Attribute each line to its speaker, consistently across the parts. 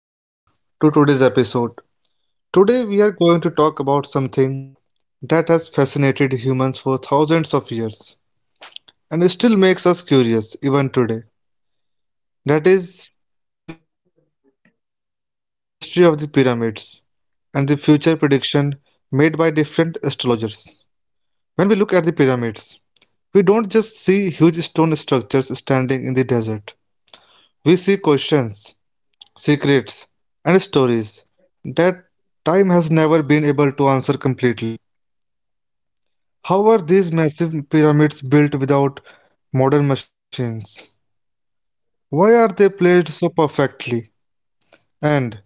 Speaker 1: Welcome everyone to today's episode. Today, we are going to talk about something that has fascinated humans for thousands of years and still makes us curious even today. That is the mystery of the pyramids and the future prediction made by different astrologers. When we look at the pyramids, we don't just see huge stone structures standing in the desert. We see questions, secrets, and stories that time has never been able to answer completely. How are these massive pyramids built without modern machines? Why are they placed so perfectly? And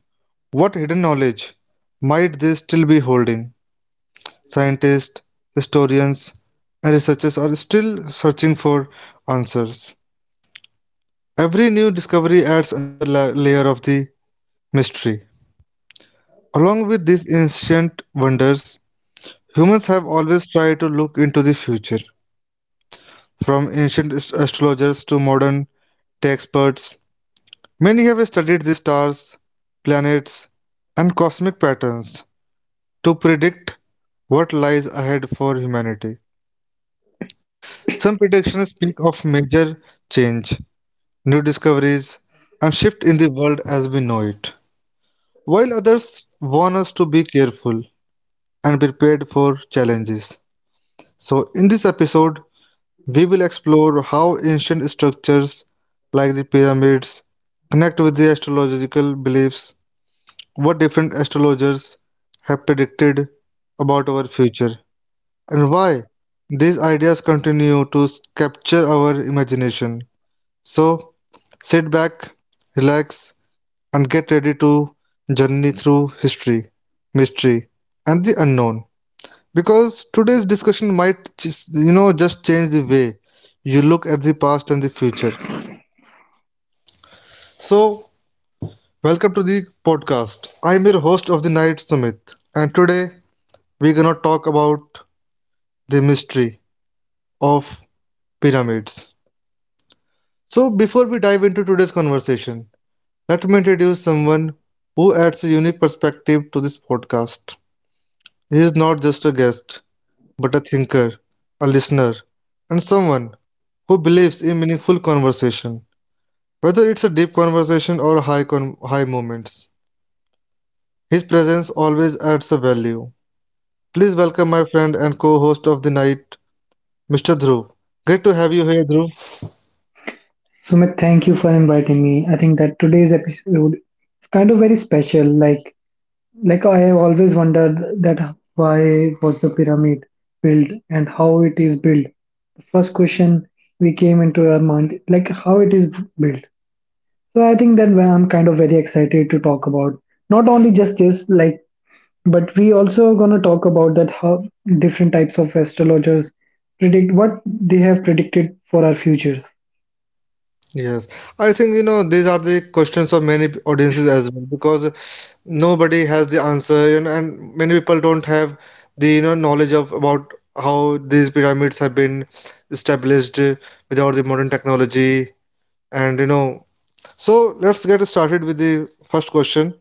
Speaker 1: what hidden knowledge might they still be holding? Scientists, historians, and researchers are still searching for answers. Every new discovery adds another layer of the mystery. Along with these ancient wonders, humans have always tried to look into the future. From ancient astrologers to modern tech experts, many have studied the stars, planets, and cosmic patterns to predict what lies ahead for humanity. Some predictions speak of major change, new discoveries, and shift in the world as we know it, while others warn us to be careful and prepared for challenges. So, in this episode, we will explore how ancient like the pyramids connect with the astrological beliefs, what different astrologers have predicted about our future, and why these ideas continue to capture our imagination. So, sit back, relax, and get ready to journey through history, mystery, and the unknown, because today's discussion might just, just change the way you look at the past and the future. So welcome to the podcast. I'm your host of the night, Sumit, and today we're gonna talk about the mystery of pyramids. So before we dive into today's conversation, let me introduce someone who adds a unique perspective to this podcast. He is not just a guest, but a thinker, a listener, and someone who believes in meaningful conversation. Whether it's a deep conversation or high moments, his presence always adds a value. Please welcome my friend and co-host of the night, Mr. Dhruv. Great to have you here, Dhruv.
Speaker 2: Sumit, thank you for inviting me. I think that today's episode is kind of very special. Like, I have always wondered that why was the pyramid built and how it is built. The first question we came into our mind, like how it is built. So I think that I'm kind of very excited to talk about not only just this, like, but we also gonna talk about that how different types of astrologers predict what they have predicted for our futures.
Speaker 1: Yes, I think you know these are the questions of many audiences as well, because nobody has the answer, and many people don't have the you know knowledge of about how these pyramids have been established without the modern technology and you know. So let's get started with the first question.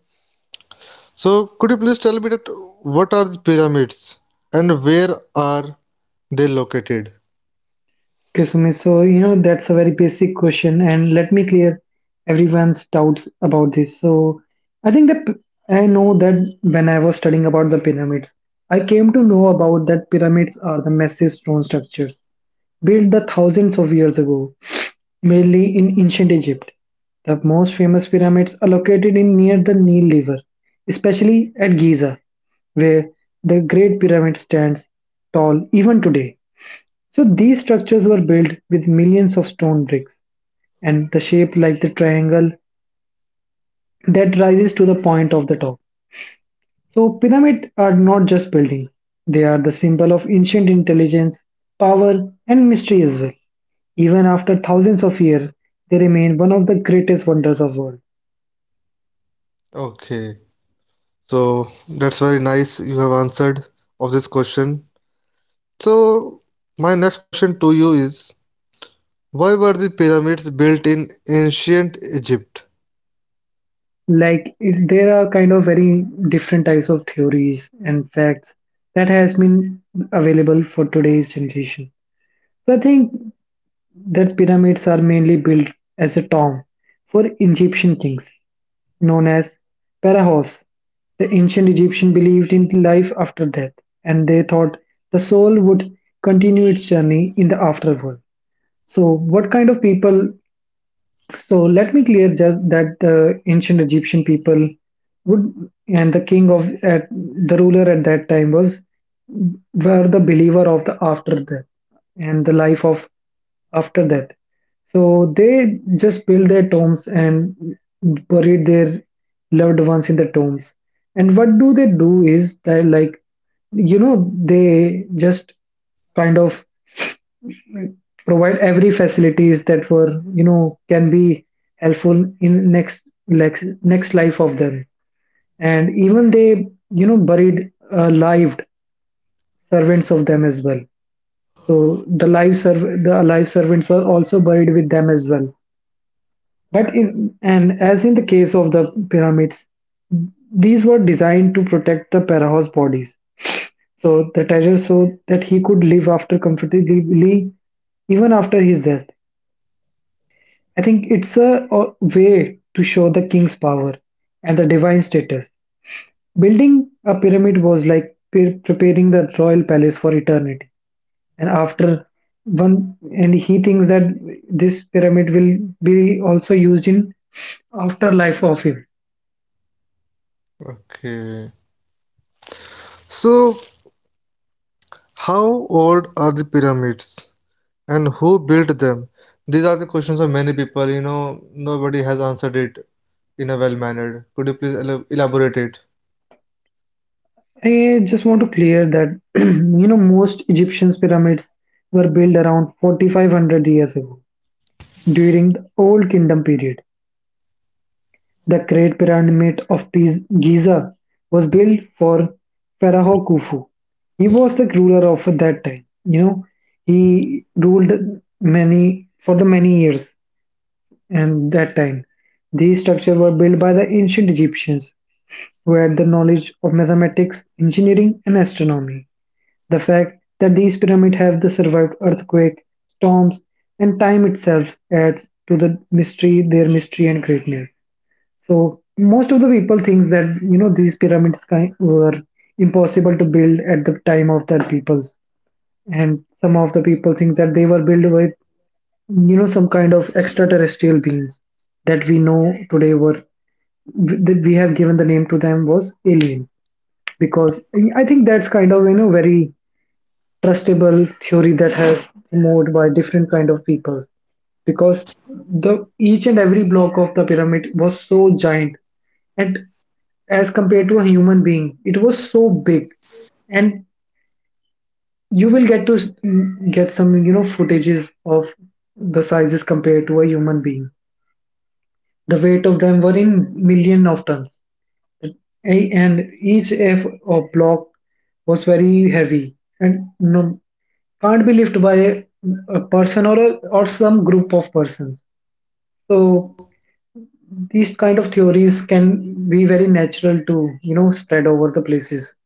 Speaker 1: So, could you please tell me that what are the pyramids and where are they located?
Speaker 2: Okay, Sumit, so you know that's a very basic question, and let me clear everyone's doubts about this. So, I think that I know that when I was studying about the pyramids, I came to know about that pyramids are the massive stone structures built the thousands of years ago, mainly in ancient Egypt. The most famous pyramids are located in near the Nile River, especially at Giza, where the Great Pyramid stands tall even today. So these structures were built with millions of stone bricks and the shape like the triangle that rises to the point of the top. So pyramids are not just buildings, they are the symbol of ancient intelligence, power and mystery as well. Even after thousands of years, they remain one of the greatest wonders of world.
Speaker 1: Okay, so that's very nice you have answered of this question. So, my next question to you is, why were the pyramids built in ancient Egypt?
Speaker 2: Like it, there are kind of very different types of theories and facts that has been available for today's generation. So I think their pyramids are mainly built as a tomb for Egyptian kings, known as pharaohs. The ancient Egyptians believed in life after death, and they thought the soul would continue its journey in the afterworld. So, what kind of people, so let me clear just that the ancient Egyptian people would, and the king of at the ruler at that time was, were the believer of the after death and the life of after death. So they just built their tombs and buried their loved ones in the tombs. And what do they do is that, like, you know, they just kind of provide every facilities that were, you know, can be helpful in next lex- next life of them. And even they, you know, buried lived servants of them as well. So the the alive servants were also buried with them as well. But in, and as in the case of the pyramids, these were designed to protect the pharaoh's bodies, so the treasure, so that he could live after comfortably even after his death. I think it's a way to show the king's power and the divine status. Building a pyramid was like preparing the royal palace for eternity. And after one, and he thinks that this pyramid will be also used in afterlife of him.
Speaker 1: Okay. So, how old are the pyramids and who built them? These are the questions of many people, you know, nobody has answered it in a well mannered. Could you please elaborate it?
Speaker 2: I just want to clear that you know most Egyptian pyramids were built around 4500 years ago during the old kingdom period. The Great Pyramid of Giza was built for Pharaoh Khufu. He was the ruler of that time. You know, he ruled many for the many years and that time. These structures were built by the ancient Egyptians who had the knowledge of mathematics, engineering, and astronomy. The fact that these pyramids have the survived earthquake, storms, and time itself adds to the mystery, their mystery and greatness. So most of the people thinks that, you know, these pyramids kind were impossible to build at the time of that peoples, and some of the people think that they were built with, you know, some kind of extraterrestrial beings that we know today were, that we have given the name to them was aliens, because I think that's kind of, you know, very trustable theory that has moved by different kind of people, because the each and every block of the pyramid was so giant and as compared to a human being. It was so big, and you will get to get some, you know, footages of the sizes compared to a human being. The weight of them were in million of tons, and each F or block was very heavy and no, can't be lifted by a person or or some group of persons. So these kind of theories can be very natural to, you know, spread over the places.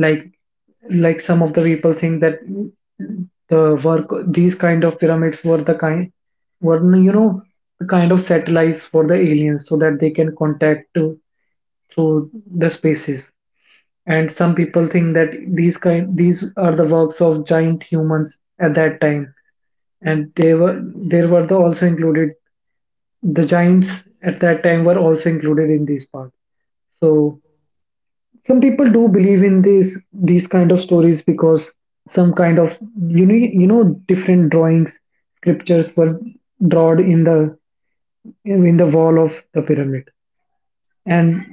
Speaker 2: Like like some of the people think that the work these kind of pyramids were the kind were, you know, the kind of satellites for the aliens so that they can contact to through the spaces. And some people think that these are the works of giant humans at that time, and they were there were the also included the giants at that time were also included in this part. So some people do believe in these kind of stories because some kind of, you know, different drawings, scriptures were drawn in the wall of the pyramid, and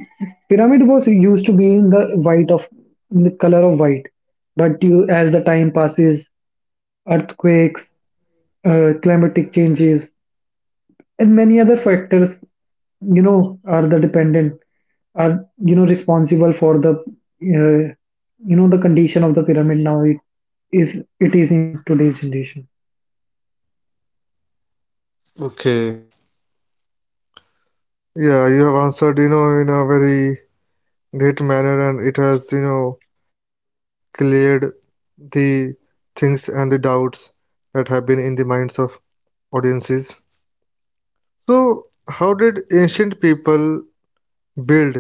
Speaker 2: pyramid was used to be in the white of, in the color of white, but you as the time passes, earthquakes, climatic changes, and many other factors, you know, are the dependent are, you know, responsible for the you know the condition of the pyramid now it is in today's generation.
Speaker 1: Okay. Yeah, you have answered, you know, in a very great manner, and it has, you know, cleared the things and the doubts that have been in the minds of audiences. So, how did ancient people build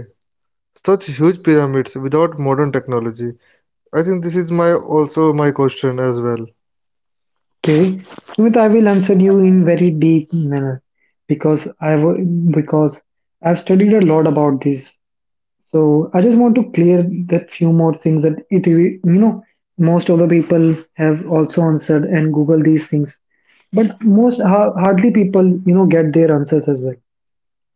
Speaker 1: such huge pyramids without modern technology? I think this is my also my question as well.
Speaker 2: Okay, Sumit, I will answer you in very deep manner because I have because I've studied a lot about this. So I just want to clear that few more things that it, you know, most of the people have also answered and Google these things, but most hardly people you know get their answers as well.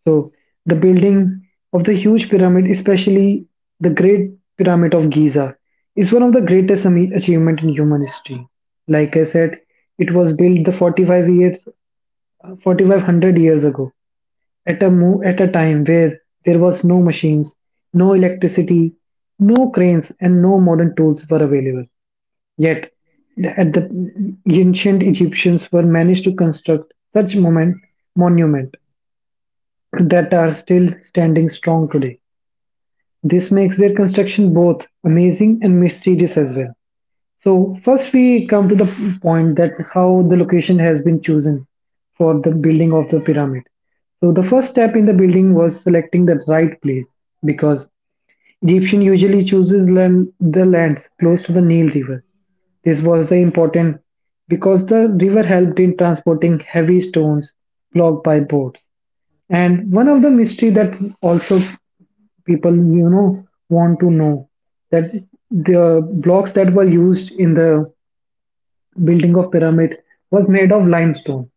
Speaker 2: So the building of the huge pyramid, especially the Great Pyramid of Giza, is one of the greatest achievement in human history. Like I said, it was built the 45 years, 4500 years ago at a time where there was no machines, no electricity, no cranes, and no modern tools were available. Yet, the- at the ancient Egyptians were managed to construct such monument that are still standing strong today. This makes their construction both amazing and mysterious as well. So first we come to the point that how the location has been chosen for the building of the pyramid. So the first step in the building was selecting the right place because Egyptian usually chooses land, the lands close to the Nile River. This was the important because the river helped in transporting heavy stones blocked by boats. And one of the mystery that also people, you know, want to know that the blocks that were used in the building of pyramid was made of limestone,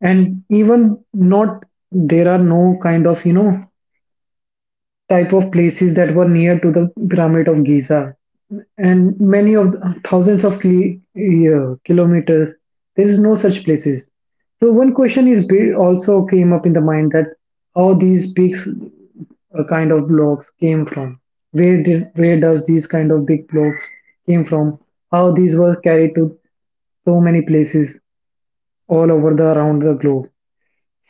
Speaker 2: and even not there are no kind of, you know, type of places that were near to the Pyramid of Giza. And many of thousands of yeah, kilometers, there is no such places. So one question is also came up in the mind that how these big, kind of blocks came from. Where does these kind of big blocks came from? How these were carried to so many places all over the around the globe.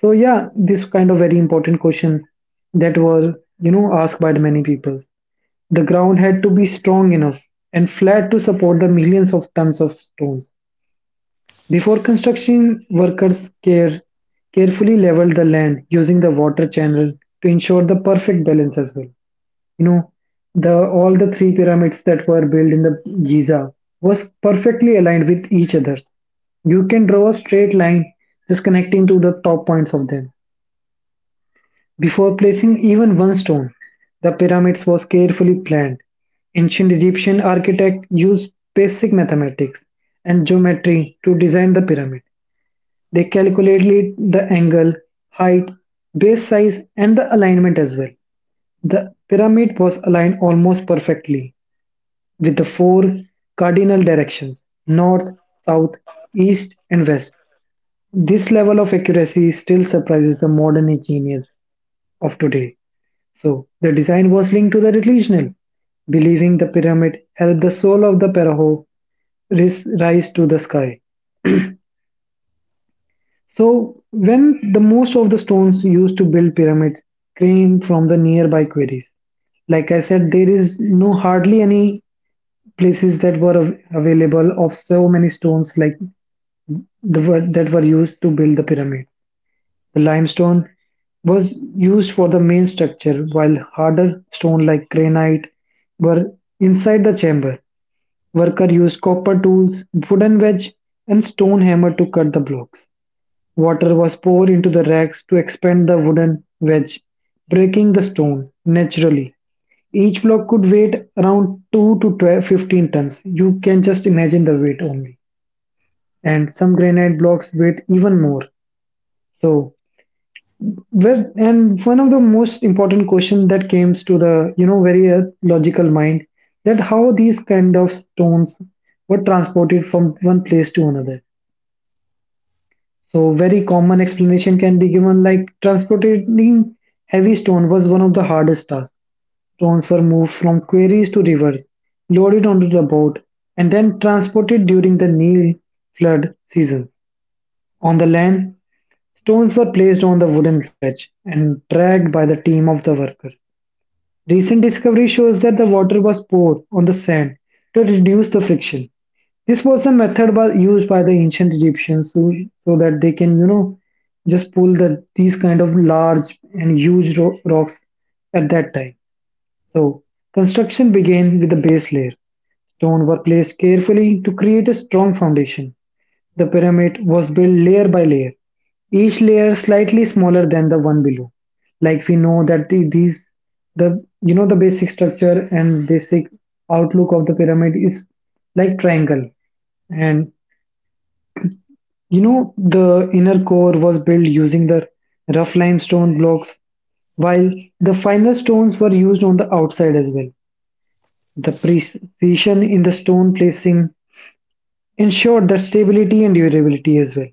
Speaker 2: So yeah, this kind of very important question that were, you know, asked by the many people. The ground had to be strong enough and flat to support the millions of tons of stones. Before construction, workers carefully leveled the land using the water channel to ensure the perfect balance as well. You know, the all the three pyramids that were built in the Giza was perfectly aligned with each other. You can draw a straight line just connecting to the top points of them. Before placing even one stone, the pyramids was carefully planned. Ancient Egyptian architects used basic mathematics and geometry to design the pyramid. They calculated the angle, height, base size, and the alignment as well. The pyramid was aligned almost perfectly with the four cardinal directions: north, south, east, and west. This level of accuracy still surprises the modern engineers of today. So the design was linked to the religion, believing the pyramid helped the soul of the Pharaoh rise to the sky. So when the most of the stones used to build pyramids came from the nearby quarries, like I said, there is no hardly any places that were available of so many stones like that were used to build the pyramid. The limestone was used for the main structure, while harder stone like granite were inside the chamber. Worker used copper tools, wooden wedge, and stone hammer to cut the blocks. Water was poured into the racks to expand the wooden wedge, breaking the stone naturally. Each block could weight around 2 to 12, 15 tons. You can just imagine the weight only. And some granite blocks weight even more. So, well, and one of the most important question that comes to the very logical mind that how these kind of stones were transported from one place to another. So very common explanation can be given, like transporting heavy stone was one of the hardest tasks. Stones were moved from quarries to rivers, loaded onto the boat, and then transported during the Nile flood season. On the land, stones were placed on the wooden sledge and dragged by the team of the worker. Recent discovery shows that the water was poured on the sand to reduce the friction. This was a method used by the ancient Egyptians, so that they can, just pull these kind of large and huge rocks at that time. So construction began with the base layer. Stone were placed carefully to create a strong foundation. The pyramid was built layer by layer, each layer slightly smaller than the one below. Like we know that the, these the you know the basic structure and basic outlook of the pyramid is like triangle, and the inner core was built using the rough limestone blocks, while the finer stones were used on the outside as well. The precision in the stone placing ensured the stability and durability as well.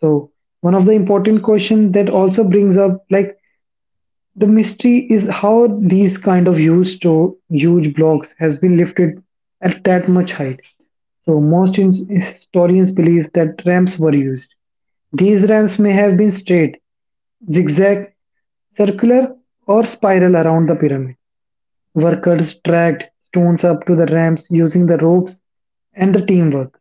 Speaker 2: So one of the important question that also brings up, like, the mystery is how these kind of huge to huge blocks has been lifted at that much height. So most historians believe that ramps were used. These ramps may have been straight, zigzag, circular, or spiral around the pyramid. Workers dragged stones up to the ramps using the ropes and the teamwork.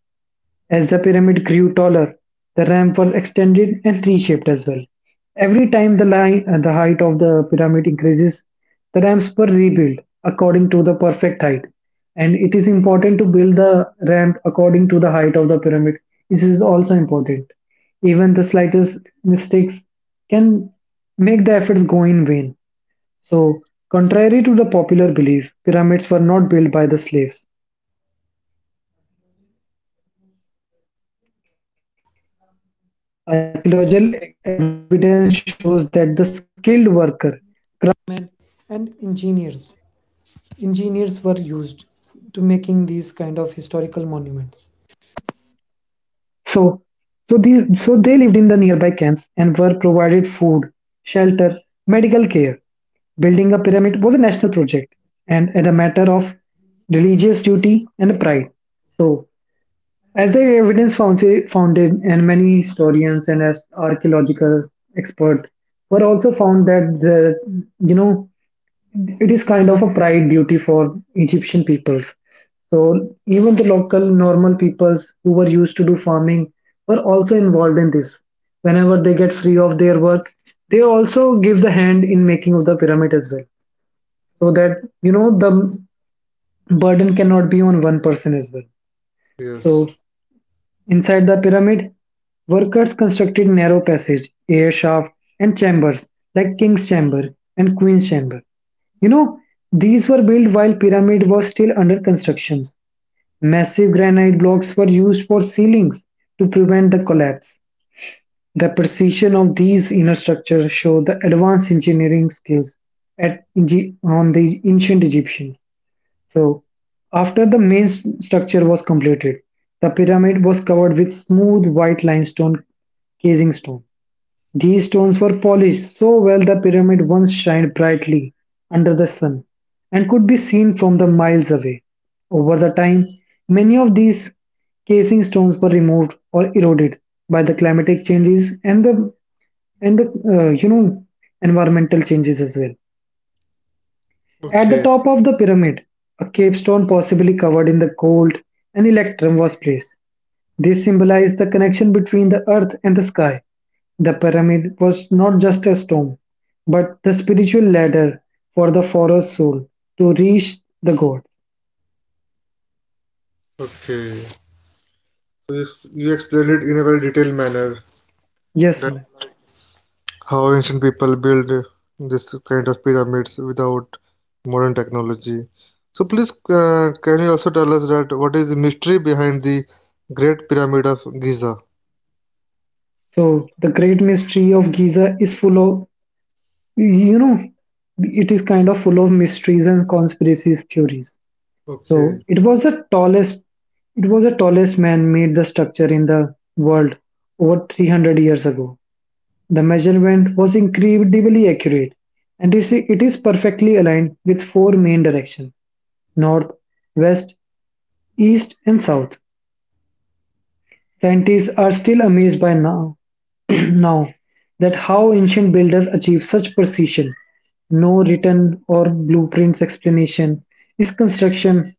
Speaker 2: As the pyramid grew taller, the ramp was extended and reshaped as well. Every time the height of the pyramid increases, the ramps were rebuilt according to the perfect height. And it is important to build the ramp according to the height of the pyramid. This is also important. Even the slightest mistakes can make the efforts go in vain. So, contrary to the popular belief, pyramids were not built by the slaves. Archaeological evidence shows that the skilled. So these so they lived in the nearby camps and were provided food, shelter, medical care. Building a pyramid was a national project and as a matter of religious duty and pride. So, as the evidence founded, and many historians and as archaeological experts were also found that the you know it is kind of a pride duty for Egyptian peoples. So even the local normal peoples who were used to do farming were also involved in this. Whenever they get free of their work, they also give the hand in making of the pyramid as well. So that the burden cannot be on one person as well. So
Speaker 1: Yes.
Speaker 2: inside the pyramid, workers constructed narrow passage, air shaft, and chambers like king's chamber and queen's chamber. You know, these were built while pyramid was still under construction. Massive granite blocks were used for ceilings to prevent the collapse. The precision of these inner structures show the advanced engineering skills on the ancient Egyptians. So, after the main structure was completed, the pyramid was covered with smooth white limestone casing stone. These stones were polished so well the pyramid once shined brightly under the sun and could be seen from the miles away. Over the time, many of these casing stones were removed or eroded by the climatic changes and the uh, you know environmental changes as well. At the
Speaker 1: Okay.
Speaker 2: top of the pyramid, a capstone possibly covered in the gold and electrum was placed. This symbolized the connection between the earth and the sky. The pyramid was not just a stone, but the spiritual ladder for the forest soul to reach the God.
Speaker 1: Okay. So you explained it in a very detailed manner
Speaker 2: Yes, Sunil.
Speaker 1: how ancient people build this kind of pyramids without modern technology. So please, can you also tell us that what is the mystery behind the Great Pyramid of Giza?
Speaker 2: So the great mystery of Giza is full of, you know, it is kind of full of mysteries and conspiracies theories. So
Speaker 1: Okay,
Speaker 2: it was the tallest man-made the structure in the world over 300 years ago. The measurement was incredibly accurate, and it is perfectly aligned with four main directions, north, west, east, and south. Scientists are still amazed now that how ancient builders achieved such precision. No written or blueprints explanation its construction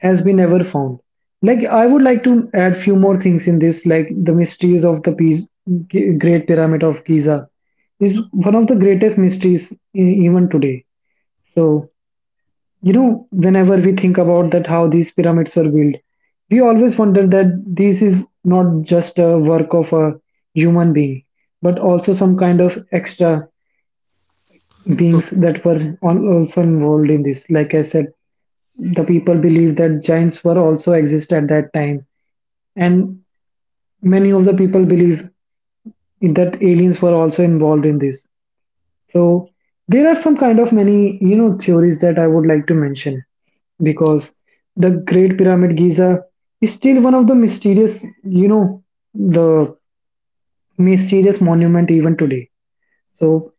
Speaker 2: has been ever found. Like I would like to add few more things in this, like the mysteries of the Great Pyramid of Giza is one of the greatest mysteries even today. So whenever we think about that how these pyramids were built, we always wonder that this is not just a work of a human being, but also some kind of extra
Speaker 1: o-
Speaker 2: beings that were also involved in this, like I said. The people believe that giants were also exist at that time, and many of the people believe that aliens were also involved in this. So there are some kind of many, theories that I would like to mention because the Great Pyramid Giza is still one of the mysterious, the mysterious monument even today. So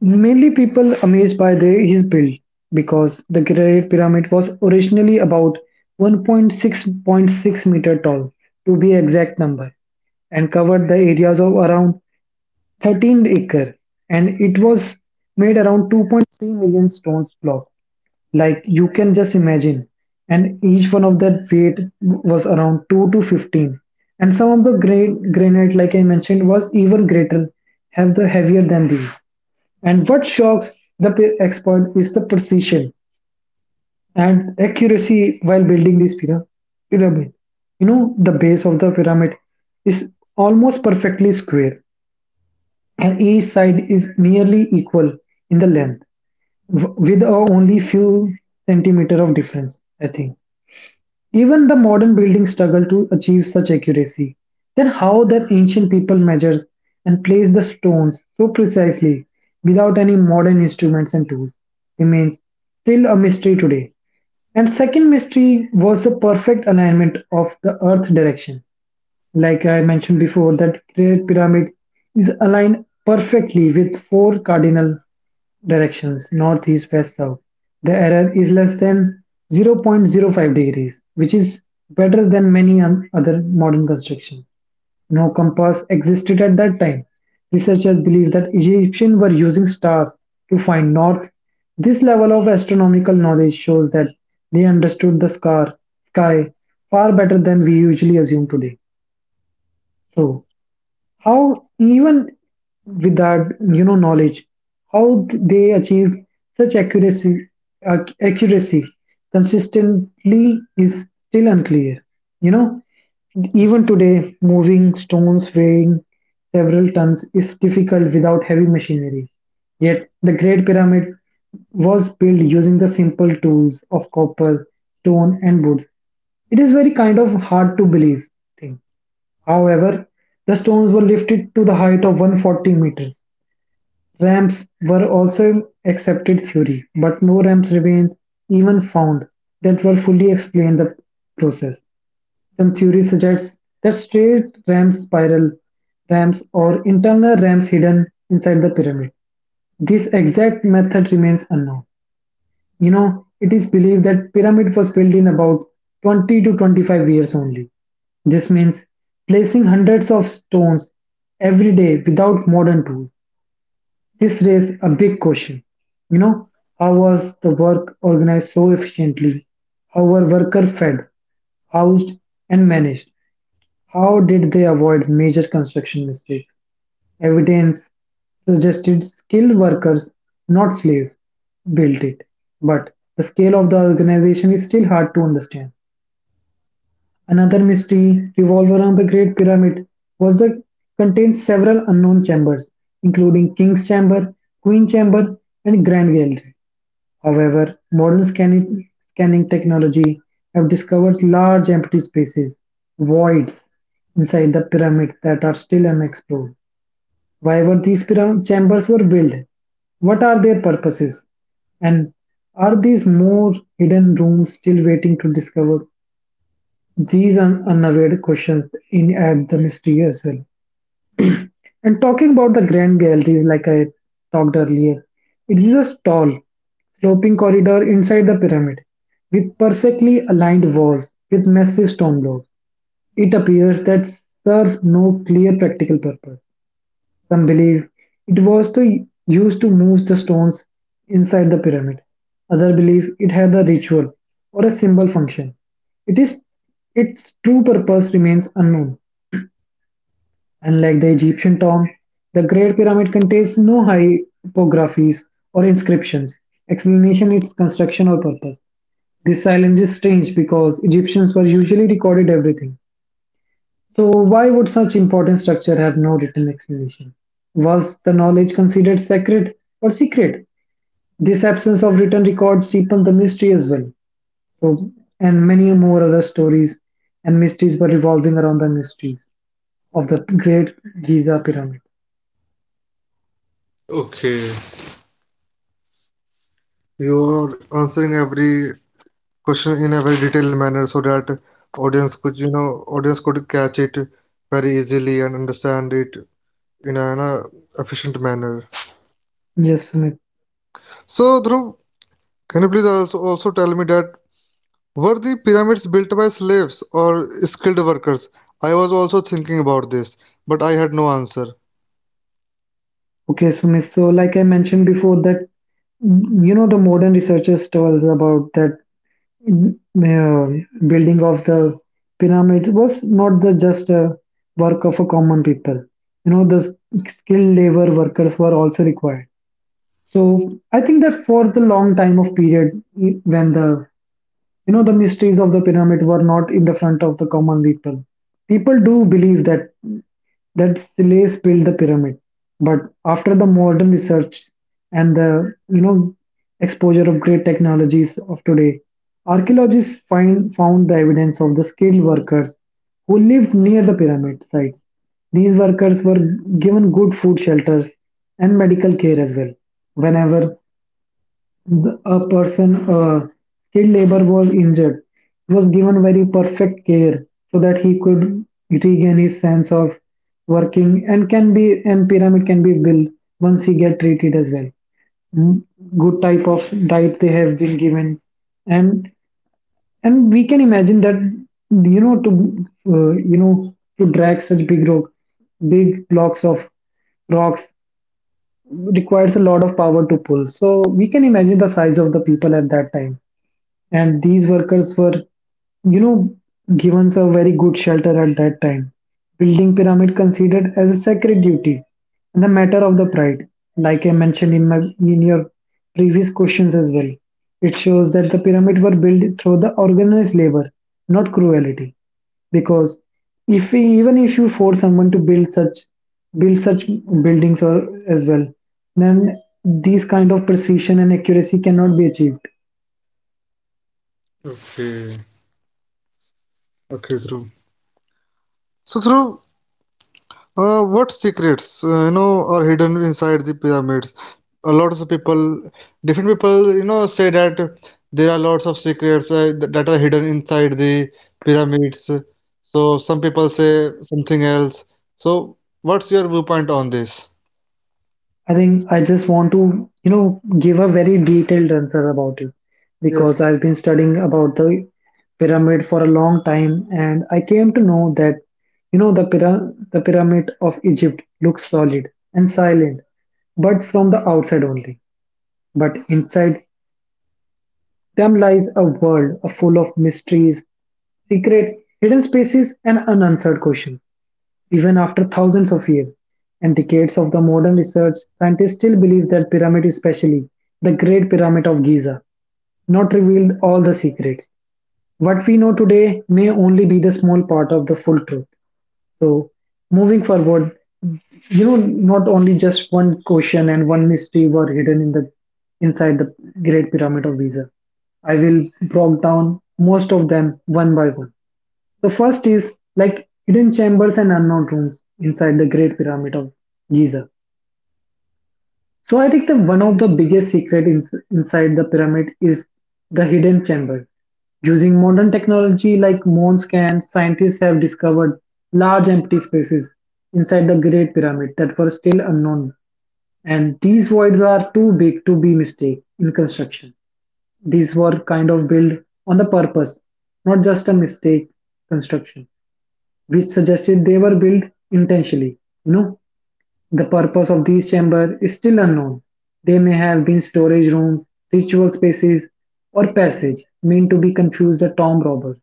Speaker 2: mainly people amazed by the, his build because the Great Pyramid was originally about 1.6.6 meter tall, to be exact number, and covered the areas of around 13 acre, and it was made around 2.3 million stones block, like you can just imagine, and each one of that weight was around 2 to 15, and some of the great granite, like I mentioned, was even greater, have the heavier than these. And what shocks the expert is the precision and accuracy while building this pyramid. You know, the base of the pyramid is almost perfectly square, and each side is nearly equal in the length, with a only few centimeter of difference, I think. Even the modern buildings struggle to achieve such accuracy. Then how that ancient people measures and place the stones so precisely without any modern instruments and tools remains still a mystery today. And second mystery was the perfect alignment of the earth direction, like I mentioned before, that Great Pyramid is aligned perfectly with four cardinal directions, north, east, west, south. The error is less than zero point zero 0.05 degrees, which is better than many other modern constructions. No compass existed at that time. Researchers believe that Egyptians were using stars to find north. This level of astronomical knowledge shows that they understood the sky far better than we usually assume today. So, how even with that knowledge, how they achieved such accuracy consistently is still unclear. You know even today, moving stones weighing several tons is difficult without heavy machinery, yet the great pyramid was built using the simple tools of copper, stone, and wood. It is very kind of hard to believe thing. However, the stones were lifted to the height of 140 meters. Ramps were also accepted theory, but no ramps remain even found that were fully explain the process. Some theory suggests that straight ramps, spiral ramps, or internal ramps hidden inside the pyramid. This exact method remains unknown. It is believed that pyramid was built in about 20 to 25 years only. This means placing hundreds of stones every day without modern tools. This raises a big question. You know, how was the work organized so efficiently? How were workers fed, housed, and managed? How did they avoid major construction mistakes? Evidence suggested skilled workers, not slaves, built it, but the scale of the organization is still hard to understand. Another mystery revolved around the Great Pyramid was that it contains several unknown chambers, including King's Chamber, Queen Chamber, and Grand Gallery. However, modern scanning technology have discovered large empty spaces, voids inside the pyramids that are still unexplored. Why were these chambers were built? What are their purposes? And are these more hidden rooms still waiting to discover? These are unaware questions in at the mystery as well. And talking about the grand galleries, like I talked earlier, it is a tall, sloping corridor inside the pyramid with perfectly aligned walls with massive stone blocks. It appears that serve no clear practical purpose. Some believe it was to used to move the stones inside the pyramid. Others believe it had a ritual or a symbol function. It is Its true purpose remains unknown. Unlike the Egyptian tomb, the Great Pyramid contains no hypographies or inscriptions, explanation its construction or purpose. This silence is strange because Egyptians were usually recorded everything, so why would such important structure have no written explanation? Was the knowledge considered sacred or secret? This absence of written records deepened the mystery as well. So, and many more other stories and mysteries were revolving around the mysteries of the Great Giza Pyramid.
Speaker 1: okay. You are answering every question in a very detailed manner so that audience could, you know, audience could catch it very easily and understand it in an efficient manner.
Speaker 2: Yes, Sumit.
Speaker 1: So, Dhruv, can you please also also tell me that, were the pyramids built by slaves or skilled workers? I was also thinking about this, but I had no answer.
Speaker 2: Okay, Sumit. So, like I mentioned before, that you know the modern researchers tell us about that m- uh, building of the pyramid was not the just a work of a common people you know skilled labor workers were also required, so I think that for the long time of period when the you know, the mysteries of the pyramid were not in the front of the common people. People do believe that slaves built the pyramid, but after the modern research and the you know exposure of great technologies of today, archaeologists find found the evidence of the skilled workers who lived near the pyramid sites. These workers were given good food shelters and medical care as well. Whenever a person, a skilled labor was injured. He was given very perfect care so that he could regain his sense of working and can be and pyramid can be built once he get treated as well. Mm, Good type of diet they have been given, and we can imagine that you know to drag such big rock, big blocks of rocks requires a lot of power to pull. So we can imagine the size of the people at that time, and these workers were you know given a very good shelter at that time. Building pyramid considered as a sacred duty and a matter of the pride, like I mentioned in my in your previous questions as well. It shows that the pyramid were built through the organized labor, not cruelty, because if we, even if you force someone to build such build such buildings or as well, then these kind of precision and accuracy cannot be achieved.
Speaker 1: Okay, okay, Dhruv. So, Dhruv, what secrets, you know, are hidden inside the pyramids? A lot of people, different people, you know, say that there are lots of secrets that are hidden inside the pyramids. So, some people say something else. So, what's your viewpoint on this?
Speaker 2: I think I just want to, you know, give a very detailed answer about it, because
Speaker 1: Yes.
Speaker 2: I've been studying about the pyramid for a long time and I came to know that, you know, the pyramid of Egypt looks solid and silent, but from the outside only. But inside them lies a world full of mysteries, secret, hidden spaces, and unanswered questions. Even after thousands of years and decades of the modern research, scientists still believe that pyramid, especially the Great Pyramid of Giza, not revealed all the secrets. What we know today may only be the small part of the full truth. So, moving forward, you know, not only just one question and one mystery were hidden in the inside the Great Pyramid of Giza. I will break down most of them one by one. The first is like hidden chambers and unknown rooms inside the Great Pyramid of Giza. So I think that one of the biggest secret inside the pyramid is the hidden chamber. Using modern technology like moon scans, scientists have discovered large empty spaces inside the Great Pyramid that were still unknown. And these voids are too big to be mistake in construction. These were kind of built on the purpose, not just a mistake construction, which suggested they were built intentionally. You know, the purpose of these chambers is still unknown. They may have been storage rooms, ritual spaces, or passage meant to be confused the tomb robbers.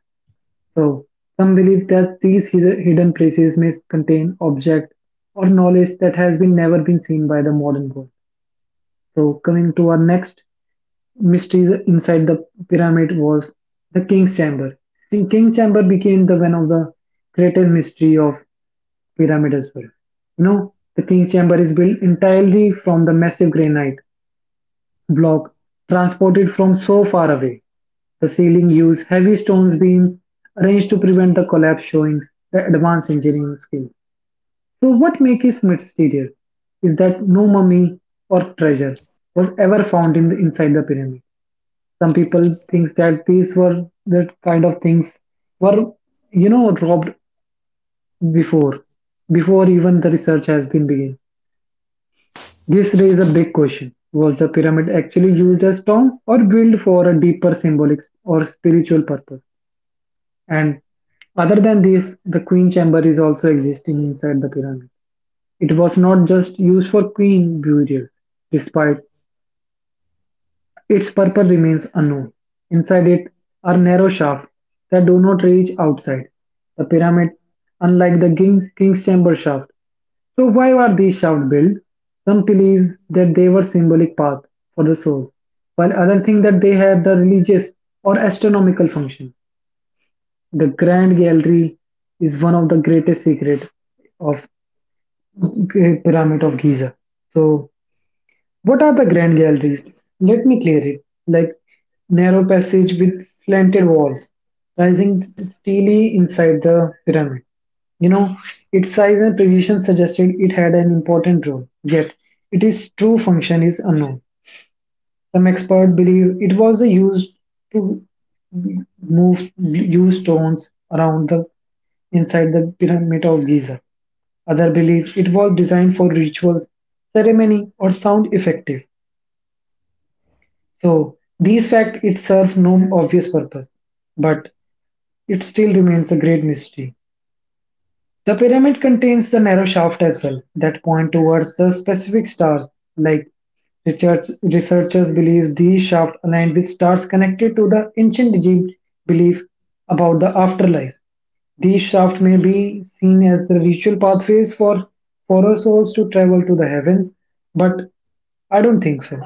Speaker 2: So, some believe that these hidden places may contain objects or knowledge that has been never been seen by the modern world. So, coming to our next mysteries inside the pyramid was the King's Chamber. The King's Chamber became the one of the greatest mystery of pyramid as well. You know, the king's chamber is built entirely from the massive granite block transported from so far away. The ceiling used heavy stone beams arranged to prevent the collapse, showing the advanced engineering skills. So, what makes it mysterious is that no mummy or treasure was ever found in the, inside the pyramid. Some people think that these were that kind of things were you know robbed before even the research has been begun. This raises a big question. Was the pyramid actually used as tomb or built for a deeper symbolic or spiritual purpose? And other than this, the queen chamber is also existing inside the pyramid. It was not just used for queen burials, despite its purpose remains unknown. Inside it are narrow shafts that do not reach outside. The pyramid, unlike king's chamber shaft, so why were these shafts built? Some believe that they were symbolic paths for the souls, while others think that they had the religious or astronomical function. The Grand Gallery is one of the greatest secret of Pyramid of Giza. So what are the Grand Galleries? Let me clear it. Like narrow passage with slanted walls, rising steely inside the pyramid. You know, its size and precision suggested it had an important role, yet its true function is unknown. Some experts believe it was used to move used stones around the inside the pyramid of Giza. Other believe it was designed for rituals, ceremony, or sound effective. So these facts it serve no obvious purpose, but it still remains a great mystery. The pyramid contains the narrow shaft as well that point towards the specific stars. Like researchers believe these shafts aligned with stars connected to the ancient Egypt belief about the afterlife. These shafts may be seen as the ritual pathways for souls to travel to the heavens, but I don't think so.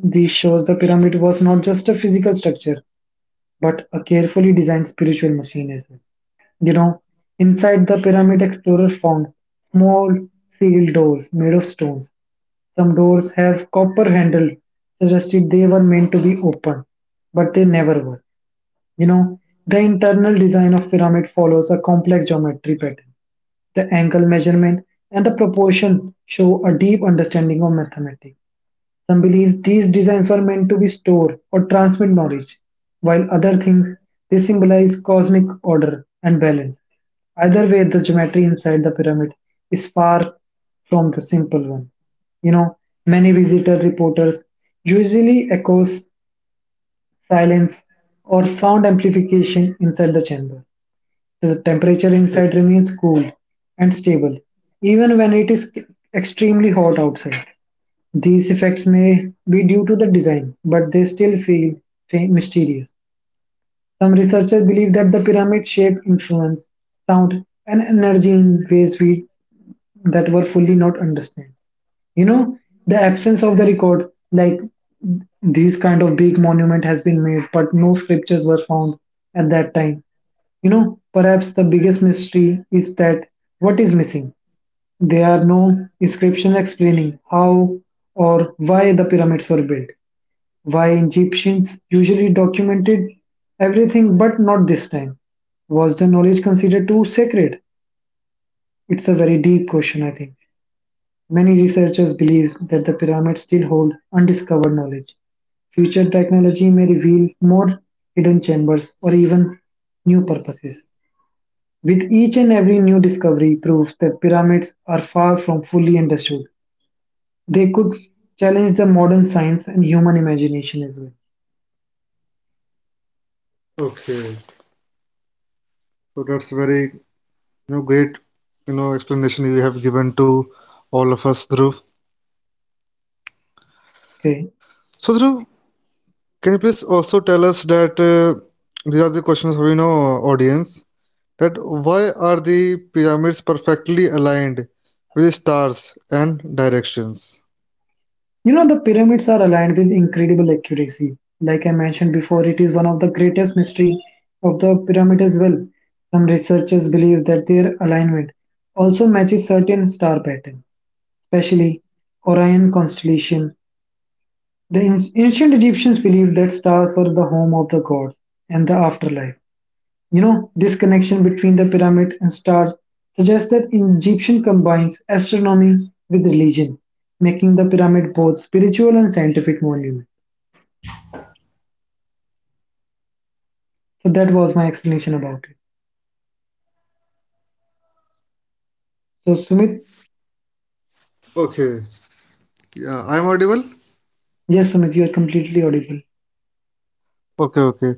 Speaker 2: This shows the pyramid was not just a physical structure, but a carefully designed spiritual machine as well. You know, inside the pyramid, explorers found small sealed doors made of stones. Some doors have copper handles, suggested they were meant to be open, but they never were. You know, the internal design of pyramid follows a complex geometry pattern. The angle measurement and the proportion show a deep understanding of mathematics. Some believe these designs were meant to be store or transmit knowledge, while other think they symbolize cosmic order and balance. Either way, the geometry inside the pyramid is far from the simple one. You know, many visitor reporters usually echoes silence or sound amplification inside the chamber. The temperature inside remains cool and stable, even when it is extremely hot outside. These effects may be due to the design, but they still feel mysterious. Some researchers believe that the pyramid shape influence sound and energy in ways we that were fully not understand. You know, the absence of the record, like these kind of big monument has been made, but no scriptures were found at that time. You know, perhaps the biggest mystery is that what is missing. There are no inscriptions explaining how or why the pyramids were built. Why Egyptians usually documented everything but not this time. Was the knowledge considered too sacred? It's a very deep question, I think. Many researchers believe that the pyramids still hold undiscovered knowledge. Future technology may reveal more hidden chambers or even new purposes. With each and every new discovery proves that pyramids are far from fully understood. They could challenge the modern science and human imagination as well.
Speaker 1: Okay. Okay, so that's very you know great you know explanation you have given to all of us, Dhruv.
Speaker 2: Okay.
Speaker 1: So, Dhruv, can you please also tell us that these are the questions for you know audience, that why are the pyramids perfectly aligned with stars and directions?
Speaker 2: You know, the pyramids are aligned with incredible accuracy. Like I mentioned before, it is one of the greatest mystery of the pyramid as well. Some researchers believe that their alignment also matches certain star pattern, especially Orion constellation. The ancient Egyptians believed that stars were the home of the gods and the afterlife. You know, this connection between the pyramid and stars suggests that Egyptian combines astronomy with religion, making the pyramid both spiritual and scientific monument. So that was my explanation about it. So Sumit,
Speaker 1: Okay, yeah, I'm audible.
Speaker 2: yes, Sumit, you are completely audible.
Speaker 1: Okay, okay.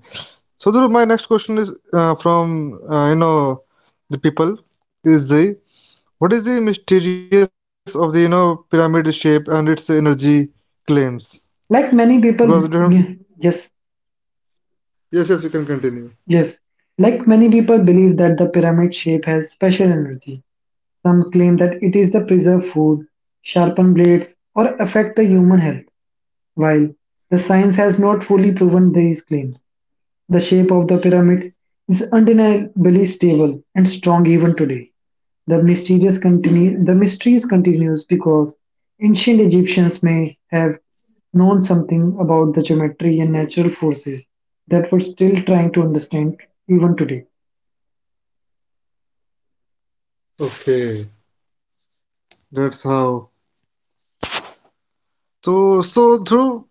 Speaker 1: So, Dhruv, my next question is from you know the people is the, what is the mysterious of the you know pyramid shape and its energy claims?
Speaker 2: Like
Speaker 1: Because
Speaker 2: many people, yeah, yes,
Speaker 1: yes, yes, you can continue.
Speaker 2: yes. Like many people believe that the pyramid shape has special energy. Some claim that it is the preserve food, sharpen blades, or affect the human health, while the science has not fully proven these claims. The shape of the pyramid is undeniably stable and strong even today. The mysteries continues because ancient Egyptians may have known something about the geometry and natural forces that we're still trying to understand even today.
Speaker 1: Okay, that's how. So so though,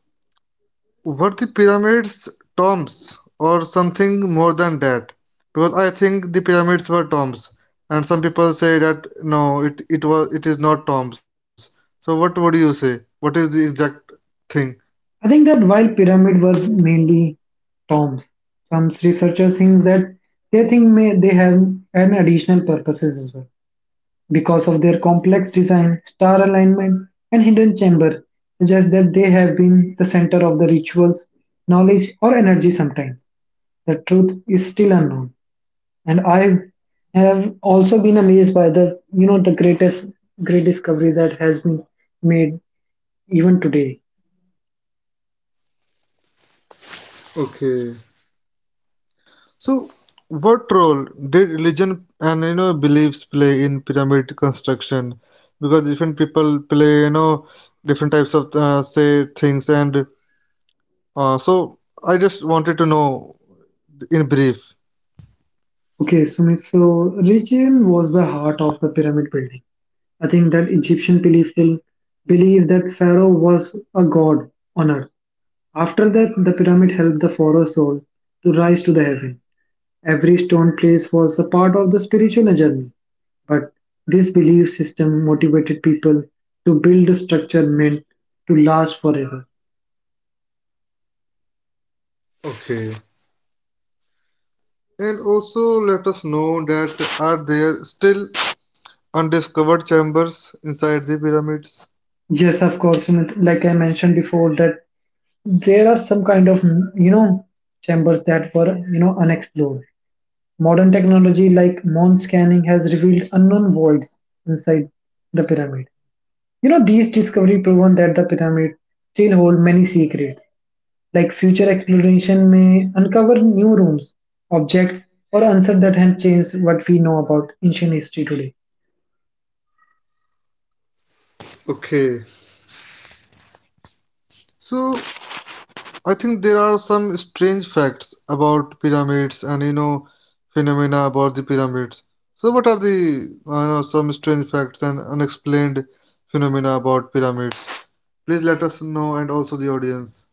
Speaker 1: were the pyramids tombs or something more than that? Because I think the pyramids were tombs, and some people say that no, it was, it is not tombs. So what would you say? What is the exact thing?
Speaker 2: I think that while pyramids were mainly tombs, some researchers think that they think may they have an additional purposes as well. Because of their complex design, star alignment, and hidden chamber suggests that they have been the center of the rituals, knowledge, or energy sometimes. The truth is still unknown. And I have also been amazed by the you know the greatest great discovery that has been made even today.
Speaker 1: Okay. So what role did religion and you know beliefs play in pyramid construction? Because different people play you know different types of say things and uh, so I just wanted to know in brief.
Speaker 2: Okay, Sumit, so religion was the heart of the pyramid building. I think that Egyptian people believed that Pharaoh was a god on earth. After that, the pyramid helped the pharaoh's soul to rise to the heaven. Every stone placed was a part of the spiritual journey. But this belief system motivated people to build a structure meant to last forever.
Speaker 1: Okay. And also let us know that, are there still undiscovered chambers inside the pyramids?
Speaker 2: Yes, of course, Sumit. Like I mentioned before, that there are some kind of you know chambers that were you know unexplored. Modern technology like moon scanning has revealed unknown voids inside the pyramid. You know, these discovery proven that the pyramid still hold many secrets, like future exploration may uncover new rooms, objects, or answers that have changed what we know about ancient history today.
Speaker 1: Okay. So I think there are some strange facts about pyramids and you know phenomena about the pyramids. So what are the you know, some strange facts and unexplained phenomena about pyramids? Please let us know and also the audience.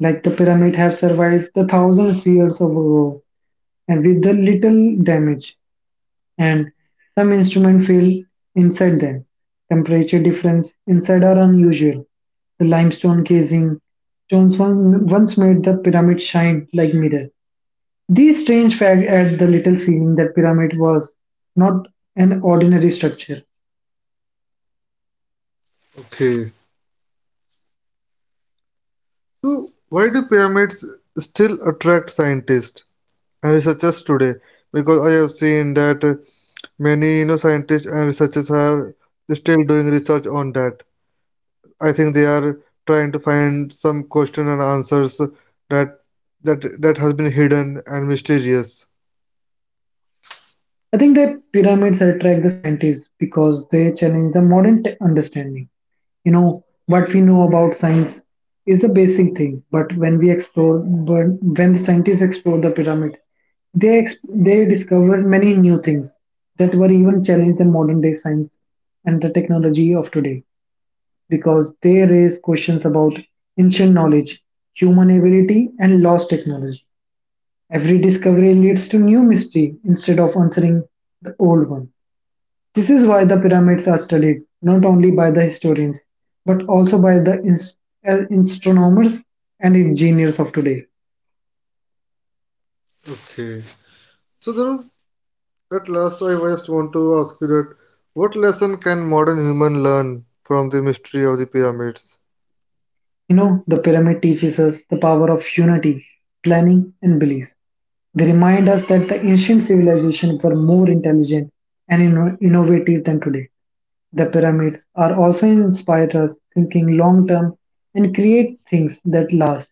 Speaker 2: Like the pyramid have survived the thousands years of ago and with the little damage, and some instrument failed inside them. Temperature difference inside are unusual. The limestone casing stones once made the pyramid shine like mirror. This strange fact had the little feeling that pyramid was not an ordinary structure.
Speaker 1: Okay. So, why do pyramids still attract scientists and researchers today? Because I have seen that many you know scientists and researchers are still doing research on that. I think they are trying to find some question and answers that that has been hidden and mysterious.
Speaker 2: I think that pyramids attract the scientists because they challenge the understanding. You know, what we know about science is a basic thing, but when the scientists explore the pyramid, they discover many new things that were even challenge the modern day science and the technology of today. Because they raise questions about ancient knowledge, human ability, and lost technology. Every discovery leads to new mystery instead of answering the old one. This is why the pyramids are studied not only by the historians but also by the astronomers and engineers of today.
Speaker 1: Okay. So Dhruv, at last I just want to ask you that, what lesson can modern human learn from the mystery of the pyramids?
Speaker 2: You know, the pyramid teaches us the power of unity, planning, and belief. They remind us that the ancient civilization were more intelligent and innovative than today. The pyramid are also inspire us thinking long term and create things that last.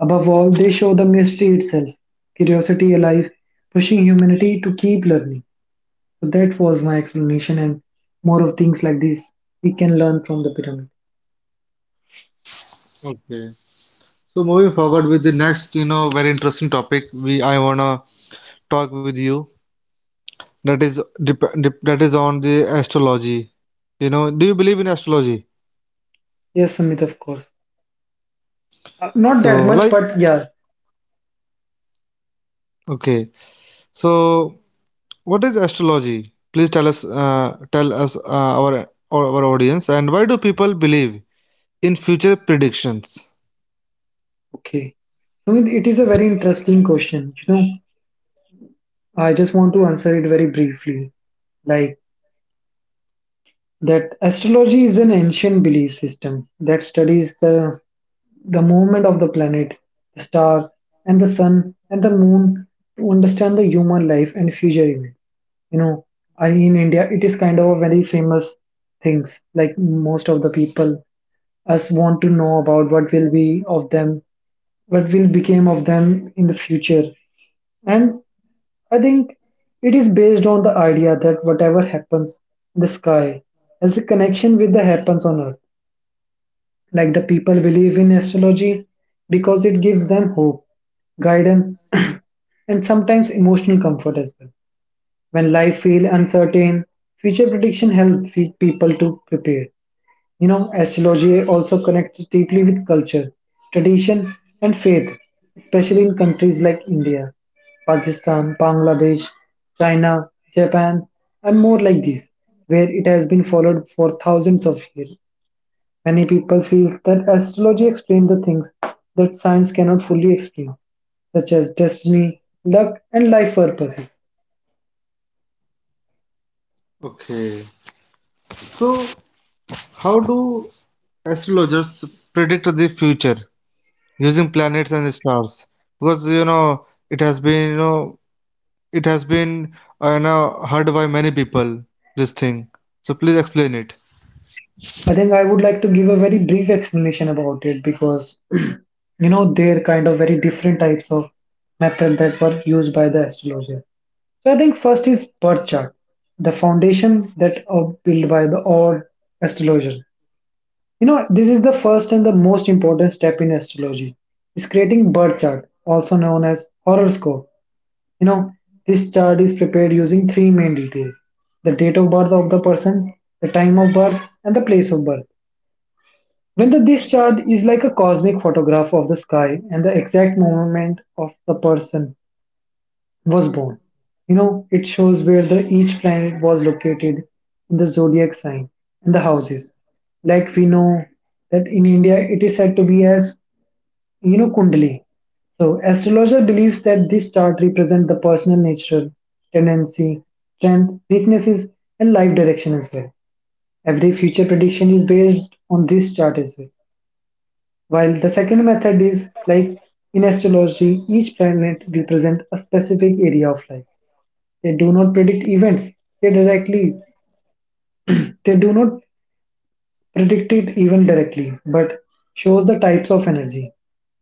Speaker 2: Above all, they show the mystery itself, curiosity alive, pushing humanity to keep learning. So that was my explanation and more of things like this we can learn from the pyramid.
Speaker 1: Okay. So moving forward with the next, you know, very interesting topic we I wanna talk with you. That is that is on the astrology. You know, do you believe in astrology?
Speaker 2: Yes, Samit, of course. Not that
Speaker 1: So
Speaker 2: much,
Speaker 1: like,
Speaker 2: but yeah,
Speaker 1: okay. So what is astrology? Please tell us our audience, and why do people believe in future predictions?
Speaker 2: okay. Sumit, it is a very interesting question. You know, I just want to answer it very briefly. Like that astrology is an ancient belief system that studies the movement of the planet, the stars, and the sun and the moon to understand the human life and future events. You know, I in India it is kind of a very famous things. Like most of the people, us want to know about what will be of them, what will become of them in the future, and I think it is based on the idea that whatever happens in the sky has a connection with the happens on earth. Like the people believe in astrology because it gives them hope, guidance, and sometimes emotional comfort as well. When life feels uncertain, future prediction helps people to prepare. You know, astrology also connects deeply with culture, tradition, and faith, especially in countries like India, Pakistan, Bangladesh, China, Japan, and more like these, where it has been followed for thousands of years. Many people feel that astrology explains the things that science cannot fully explain, such as destiny, luck, and life purposes.
Speaker 1: Okay. So how do astrologers the future using planets and stars? Because you know it has been you know it has been now heard by many people this thing, so please explain it.
Speaker 2: I think I would like to give a very brief explanation about it because you know they're kind of very different types of method that were used by the astrologer. So I think first is birth chart, the foundation that are built by the or astrologer. You know this is the first and the most important step in astrology. Is creating birth chart, also known as horoscope. You know this chart is prepared using three main details: the date of birth of the person, the time of birth, and the place of birth. When this chart is like a cosmic photograph of the sky and the exact moment of the person was born. You know, it shows where the each planet was located in the zodiac sign and the houses. Like we know that in India it is said to be as you know Kundali. So astrologer believes that this chart represents the personal nature, tendency, strength, weaknesses, and life direction as well. Every future prediction is based on this chart as well. While the second method is like in astrology, each planet represents a specific area of life. They do not predict events. They directly they do not predict it even directly, but shows the types of energy.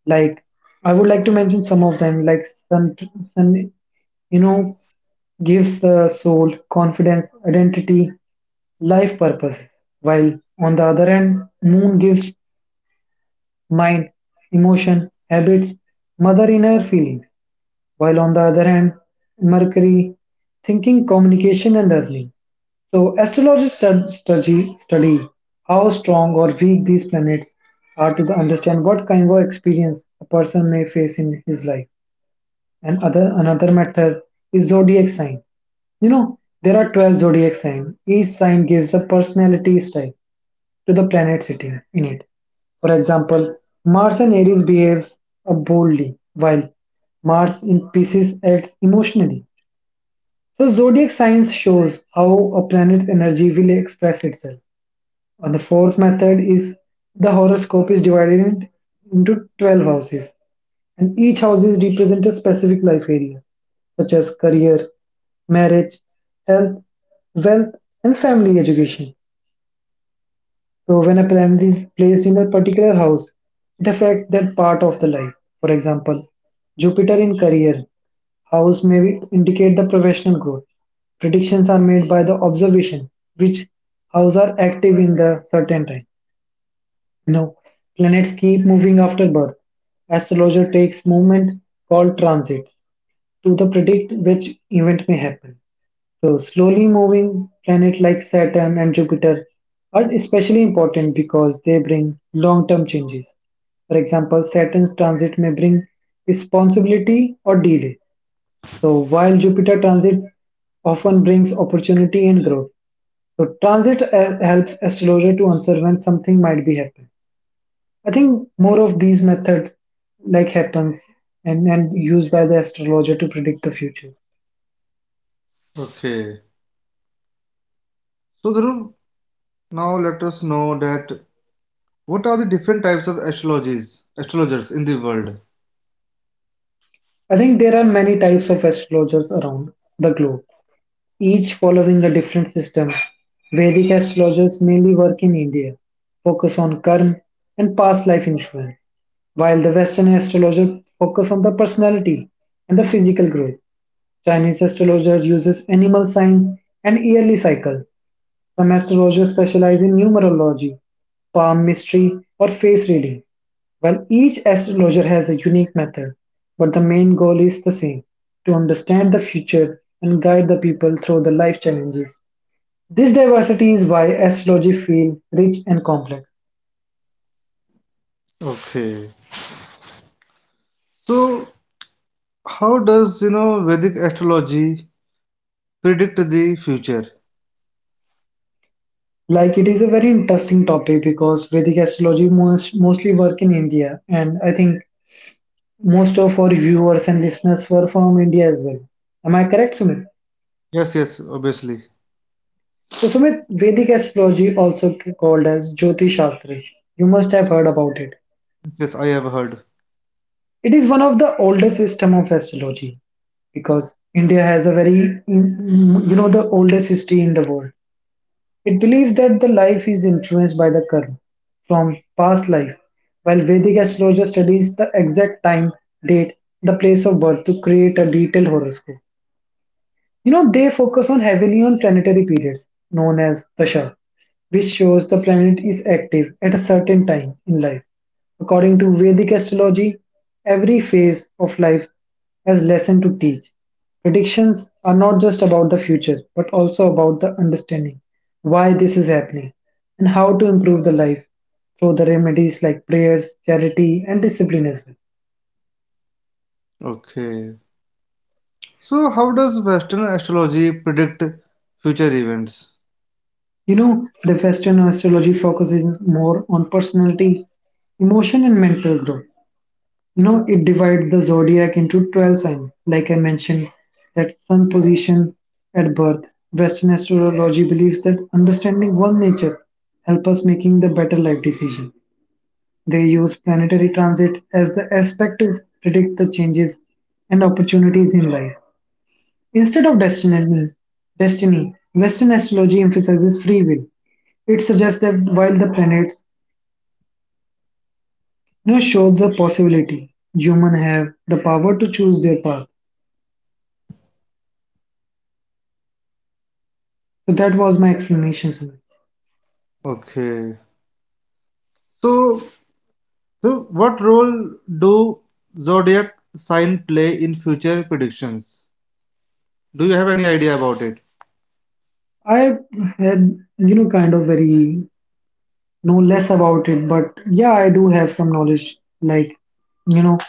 Speaker 2: Like I would like to mention some of them. Like sun, sun you know, gives the soul confidence, identity, life purpose. While on the other hand, moon gives mind, emotion, habits, mother inner feelings. While on the other hand, Mercury, thinking, communication, and learning. So, study how strong or weak these planets are to understand what kind of experience a person may face in his life. And other another method is zodiac sign. You know, there are 12 zodiac signs. Each sign gives a personality style to the planet sitting in it. For example, Mars in Aries behaves boldly, while Mars in Pisces acts emotionally. So zodiac science shows how a planet's energy will express itself. And the fourth method is the horoscope is into 12 houses, and each house is represent a specific life area, such as career, marriage, health, wealth, and family education. So when a planet is placed in a particular house, it affects that part of the life. For example, Jupiter in career house may indicate the professional growth. Predictions are made by the observation which house are active in the certain time. You know, planets keep moving after birth. Astrologer takes movement called transits to the predict which event may happen. So, slowly moving planets like Saturn and Jupiter are especially important because they bring long term changes. For example, Saturn's transit may bring responsibility or delay. So, while Jupiter transit often brings opportunity and growth. So, transit helps astrologer to answer when something might be happening. I think more of these methods like happens and used by the astrologer to predict the future.
Speaker 1: Okay, so Dhruv, now let us know that, what are the different types of astrologies astrologers in the world?
Speaker 2: I think there are many types of astrologers around the globe, each following a different system. Vedic astrologers mainly work in India, focus on karma and past life influence, while the Western astrologer focus on the personality and the physical growth. Chinese astrologer uses animal signs and yearly cycle. Some astrologers specialize in numerology, palm mystery, or face reading, while each astrologer has a unique method. But the main goal is the same to understand the future and guide the people through the life challenges. This diversity is why astrology feels rich and complex.
Speaker 1: Okay, so how does you know vedic astrology predict the future?
Speaker 2: Like it is a very interesting topic because Vedic astrology mostly work in India, and I think most of our viewers and listeners were from India as well. Am I correct, Sumit?
Speaker 1: Yes, yes obviously yes.
Speaker 2: So, Sumit, Vedic astrology also called as Jyoti Shastra. You must have heard about it.
Speaker 1: Yes, I have heard.
Speaker 2: It is one of the oldest system of astrology because India has a very, you know, the oldest history in the world. It believes that the life is influenced by the karma from past life, while Vedic astrologer studies the exact time, date, the place of birth to create a detailed horoscope. You know, they focus on heavily on planetary periods known as Dasha, which shows the planet is active at a certain time in life. According to Vedic astrology, every phase of life has lesson to teach. Predictions are not just about the future, but also about the understanding why this is happening and how to improve the life through the remedies like prayers, charity, and discipline as well.
Speaker 1: Okay, so how does western astrology predict future events?
Speaker 2: You know, the Western astrology focuses more on personality, emotion, and mental growth. You know, it divides the zodiac into 12 signs, like I mentioned, that sun position at birth. Western astrology believes that understanding one's nature help us making the better life decision. They use planetary transit as the aspect to predict the changes and opportunities in life. Instead of destiny, Western astrology emphasizes free will, it suggests that while the planets you know, show the possibility, humans have the power to choose their path. So that was my explanation. Sumit.
Speaker 1: Okay, so. So what role do zodiac sign play in future predictions? Do you have any idea about it?
Speaker 2: I had you know kind of very know less about it, but yeah, I do have some knowledge. Like you know,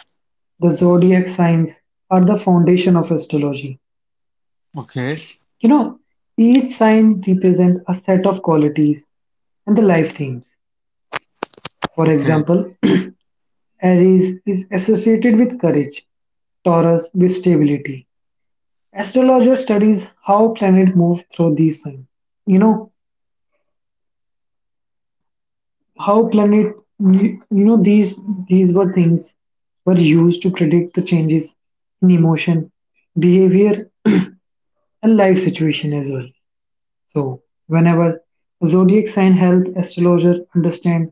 Speaker 2: the zodiac signs are the foundation of astrology.
Speaker 1: Okay,
Speaker 2: You know, each sign represents a set of qualities and the life themes. For
Speaker 1: okay.
Speaker 2: example, Aries is associated with courage, Taurus with stability, Astrologer studies how planet move through these signs. You know how planet you know these were things were used to predict the changes in emotion, behavior, and life situation as well. So whenever a zodiac sign help astrologer understand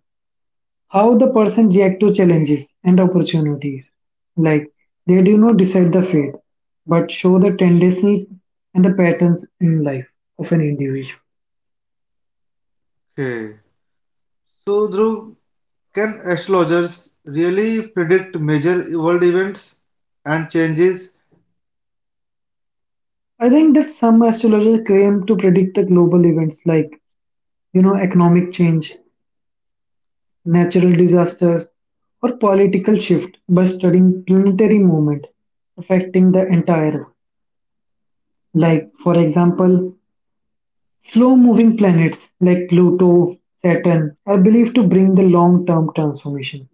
Speaker 2: how the person react to challenges and opportunities. Like they do not decide the fate, but show the tendency and the patterns in life of an individual.
Speaker 1: Okay. So Dhruv, can astrologers really predict major world events and changes?
Speaker 2: I think that some astrologers claim to predict the global events like, you know, economic change, natural disasters, or political shift by studying planetary movement affecting the entire world. Like, for example, slow moving planets like Pluto, Saturn are believed to bring the long term transformation.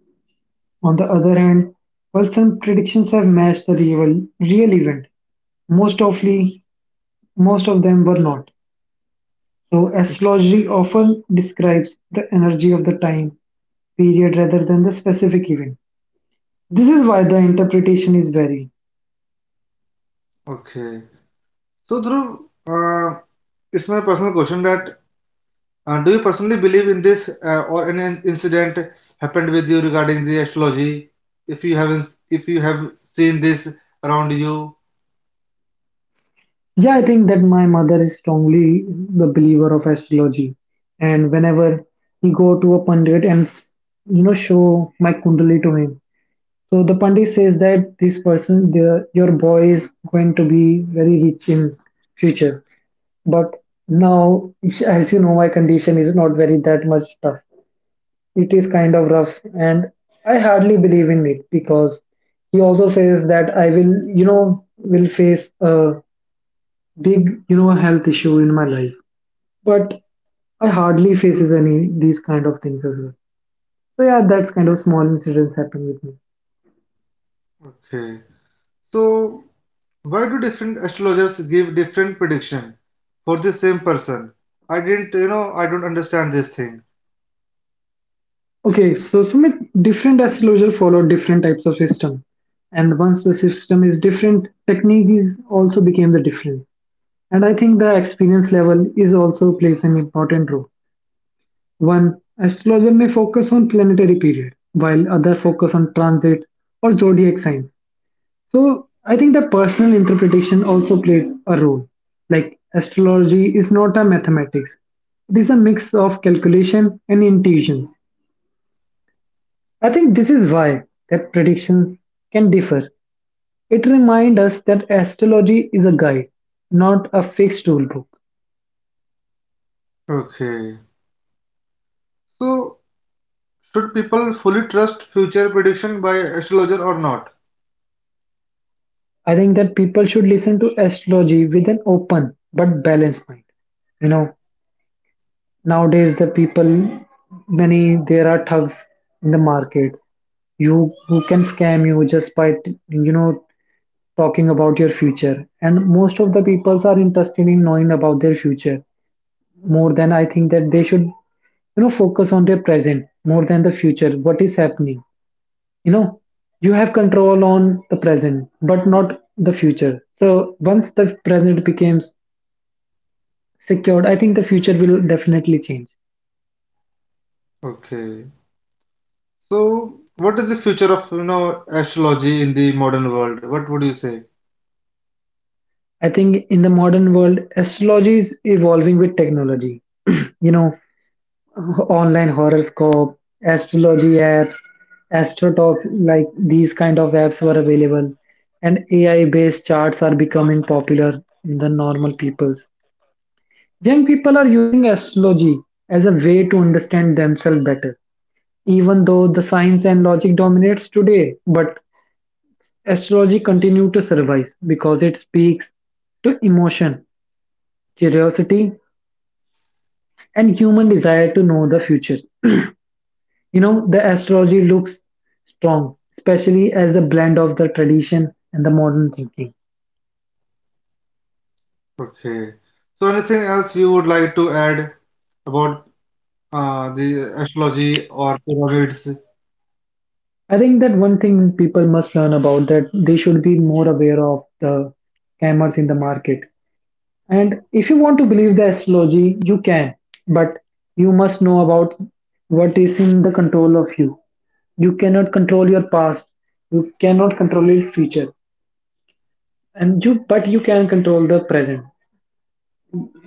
Speaker 2: On the other hand, while some predictions have matched the real event, most of, most of them were not. So astrology often describes the energy of the time period rather than the specific event. This is why the interpretation is varied.
Speaker 1: Okay. So Dhruv, uh, it's my personal question that do you personally believe in this or any incident happened with you regarding the astrology? If you haven't, if you have seen this around you.
Speaker 2: Yeah, I think that my mother is strongly the believer of astrology, and whenever he go to a pundit and you know show my kundali to him, so the pundit says that this person, the, your boy is going to be very rich in future. But now, as you know, my condition is not very that much tough. It is kind of rough, and I hardly believe in it because he also says that I will, will face a big, health issue in my life. But I hardly faces any these kind of things as well. So yeah, that's kind of small incidents happen with me.
Speaker 1: Okay. So, why do different astrologers give different prediction for the same person? I didn't, you know, I don't understand this thing.
Speaker 2: Okay, so Sumit, different astrologer follow different types of system, and once the system is different, technique is also became the difference. And I think the experience level is also plays an important role. One astrologer may focus on planetary period, while other focus on transit or zodiac signs. So I think the personal interpretation also plays a role. Like astrology is not a mathematics; it is a mix of calculation and intuitions. I think this is why that predictions can differ. It reminds us that astrology is a guide, not a fixed rule book.
Speaker 1: Okay. So, should people fully trust future prediction by astrologer or not?
Speaker 2: I think that people should listen to astrology with an open but balanced mind. You know, nowadays, the people, many there are thugs in the market. You who can scam you just by you know talking about your future. And most of the peoples are interested in knowing about their future more than I think that they should focus on their present more than the future. What is happening? You know, you have control on the present, but not the future. So once the present becomes secured, I think the future will definitely change.
Speaker 1: Okay. So, what is the future of, you know, astrology in the modern world? What would you say?
Speaker 2: I think in the modern world, astrology is evolving with technology. You know, online horoscope, astrology apps, astro talks, like these kind of apps were available, and AI-based charts are becoming popular in the normal peoples. Young people are using astrology as a way to understand themselves better, even though the science and logic dominates today. But astrology continue to survive because it speaks to emotion, curiosity, and human desire to know the future. You know, the astrology looks strong, especially as a blend of the tradition and the modern thinking.
Speaker 1: Okay. So, anything else you would like to add about the astrology or pyramids?
Speaker 2: I think that one thing people must learn about that they should be more aware of the scammers in the market. And if you want to believe the astrology, you can, but you must know about what is in the control of you. You cannot control your past, you cannot control your future, and you but you can control the present.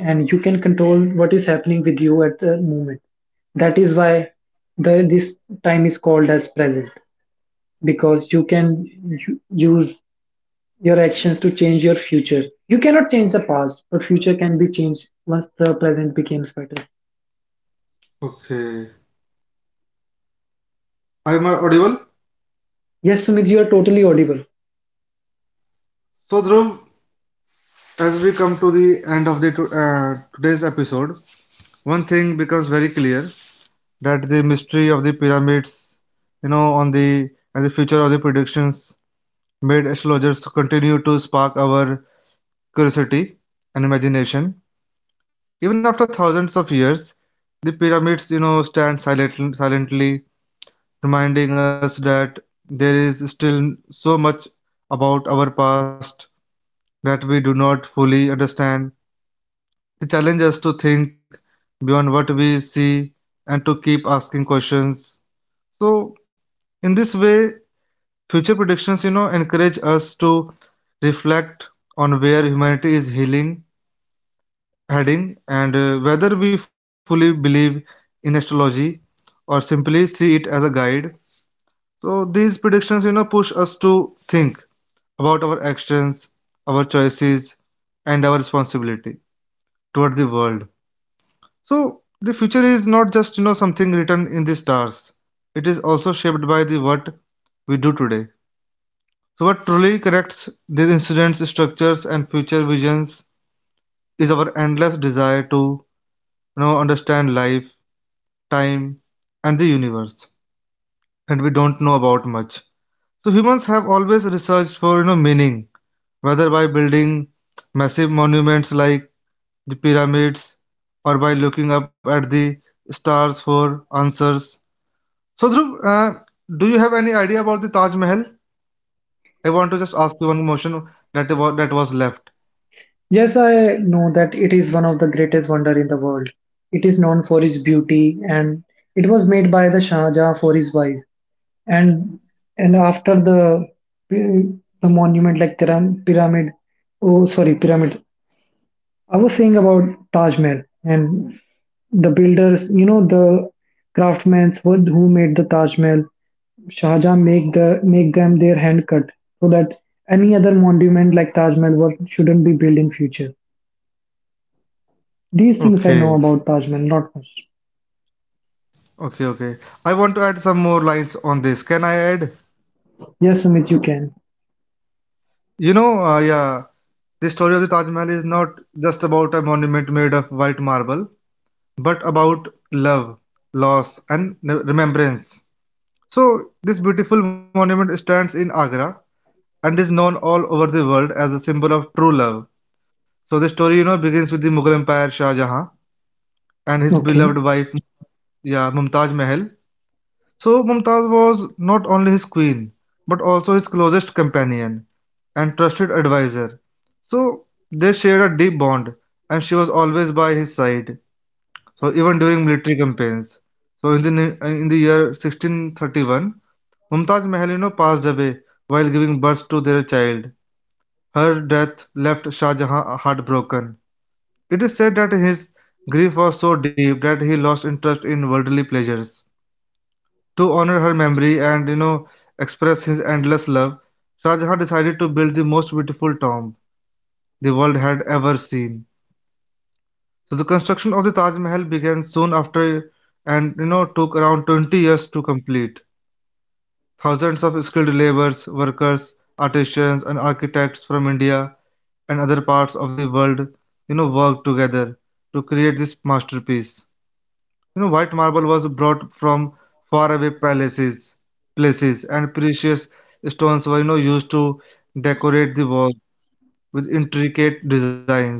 Speaker 2: And you can control what is happening with you at the moment. That is why the this time is called as present, because you can use your actions to change your future. You cannot change the past, but future can be changed once the present becomes better.
Speaker 1: Okay. Am I audible?
Speaker 2: Yes, Sumit, you are totally audible.
Speaker 1: So, Dhruv, as we come to the end of the today's episode, one thing becomes very clear, that the mystery of the pyramids, you know, on the, and the future of the predictions made astrologers continue to spark our curiosity and imagination. Even after thousands of years, the pyramids, you know, stand silent, silently, reminding us that there is still so much about our past that we do not fully understand. The challenge is to think beyond what we see and to keep asking questions. So, in this way, future predictions, you know, encourage us to reflect on where humanity is healing, heading, and whether we fully believe in astrology or simply see it as a guide. So these predictions, you know, push us to think about our actions, our choices, and our responsibility toward the world. So the future is not just you know something written in the stars. It is also shaped by the what we do today. So what truly connects these incidents, structures, and future visions is our endless desire to you know understand life, time, and the universe, and we don't know about much. So humans have always researched for you know meaning, whether by building massive monuments like the pyramids or by looking up at the stars for answers. So Dhruv, do you have any idea about the Taj Mahal? I want to just ask you one motion that that was left.
Speaker 2: Yes, I know that it is one of the greatest wonder in the world. It is known for its beauty, and it was made by the Shah Jahan for his wife. and and after the pi- the monument like Tiram, pyramid, oh sorry, pyramid, I was saying about Taj Mahal, and the builders, you know, the craftsmen who made the Taj Mahal, Shah Jahan make the make them their hand cut, so that any other monument like Taj Mahal were, shouldn't be built in future. These things I know
Speaker 1: Okay,
Speaker 2: about Taj Mahal, not much.
Speaker 1: okay, okay. I want to add some more lines on this. Can I add?
Speaker 2: Yes, Sumit, you can.
Speaker 1: You know, yeah, the story of the Taj Mahal is not just about a monument made of white marble, but about love, loss, and remembrance. So, this beautiful monument stands in Agra and is known all over the world as a symbol of true love. So, the story, you know, begins with the Mughal Empire Shah Jahan and his
Speaker 2: Okay.
Speaker 1: beloved wife, yeah, Mumtaz Mahal. So Mumtaz was not only his queen, but also his closest companion and trusted advisor. So they shared a deep bond, and she was always by his side. So even during military campaigns. So in the year 1631, Mumtaz Mahal you know, passed away while giving birth to their child. Her death left Shah Jahan heartbroken. It is said that his grief was so deep that he lost interest in worldly pleasures. To honor her memory and you know express his endless love, Shah Jahan decided to build the most beautiful tomb the world had ever seen. So the construction of the Taj Mahal began soon after, and you know took around 20 years to complete. Thousands of skilled laborers, workers, artisans and architects from India and other parts of the world you know worked together to create this masterpiece. You know, white marble was brought from faraway palaces, places, and precious stones were you know, used to decorate the wall with intricate designs.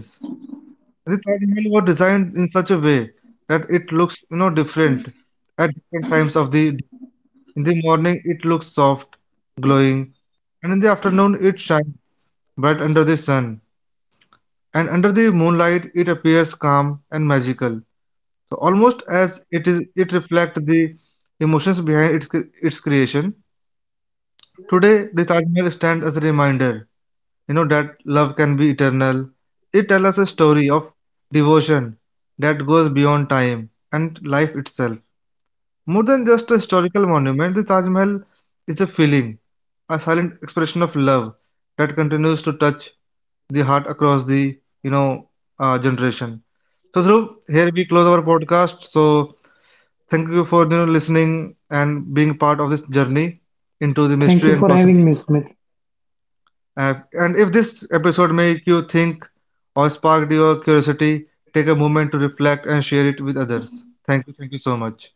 Speaker 1: The Taj Mahal was designed in such a way that it looks you know different at different times of the day. In the morning it looks soft, glowing, and in the afternoon it shines bright under the sun, and under the moonlight it appears calm and magical. So almost as it is, it reflects the emotions behind its creation. Today, the Taj Mahal stands as a reminder, you know, that love can be eternal. It tells us a story of devotion that goes beyond time and life itself. More than just a historical monument, the Taj Mahal is a feeling, a silent expression of love that continues to touch the heart across the you know generation. So Dhruv, here we close our podcast. So thank you for you know, listening and being part of this journey into the
Speaker 2: Thank you
Speaker 1: mystery
Speaker 2: for
Speaker 1: and
Speaker 2: having
Speaker 1: possibility.
Speaker 2: me, Sumit.
Speaker 1: And if this episode made you think or sparked your curiosity, take a moment to reflect and share it with others. Thank you. Thank you so much.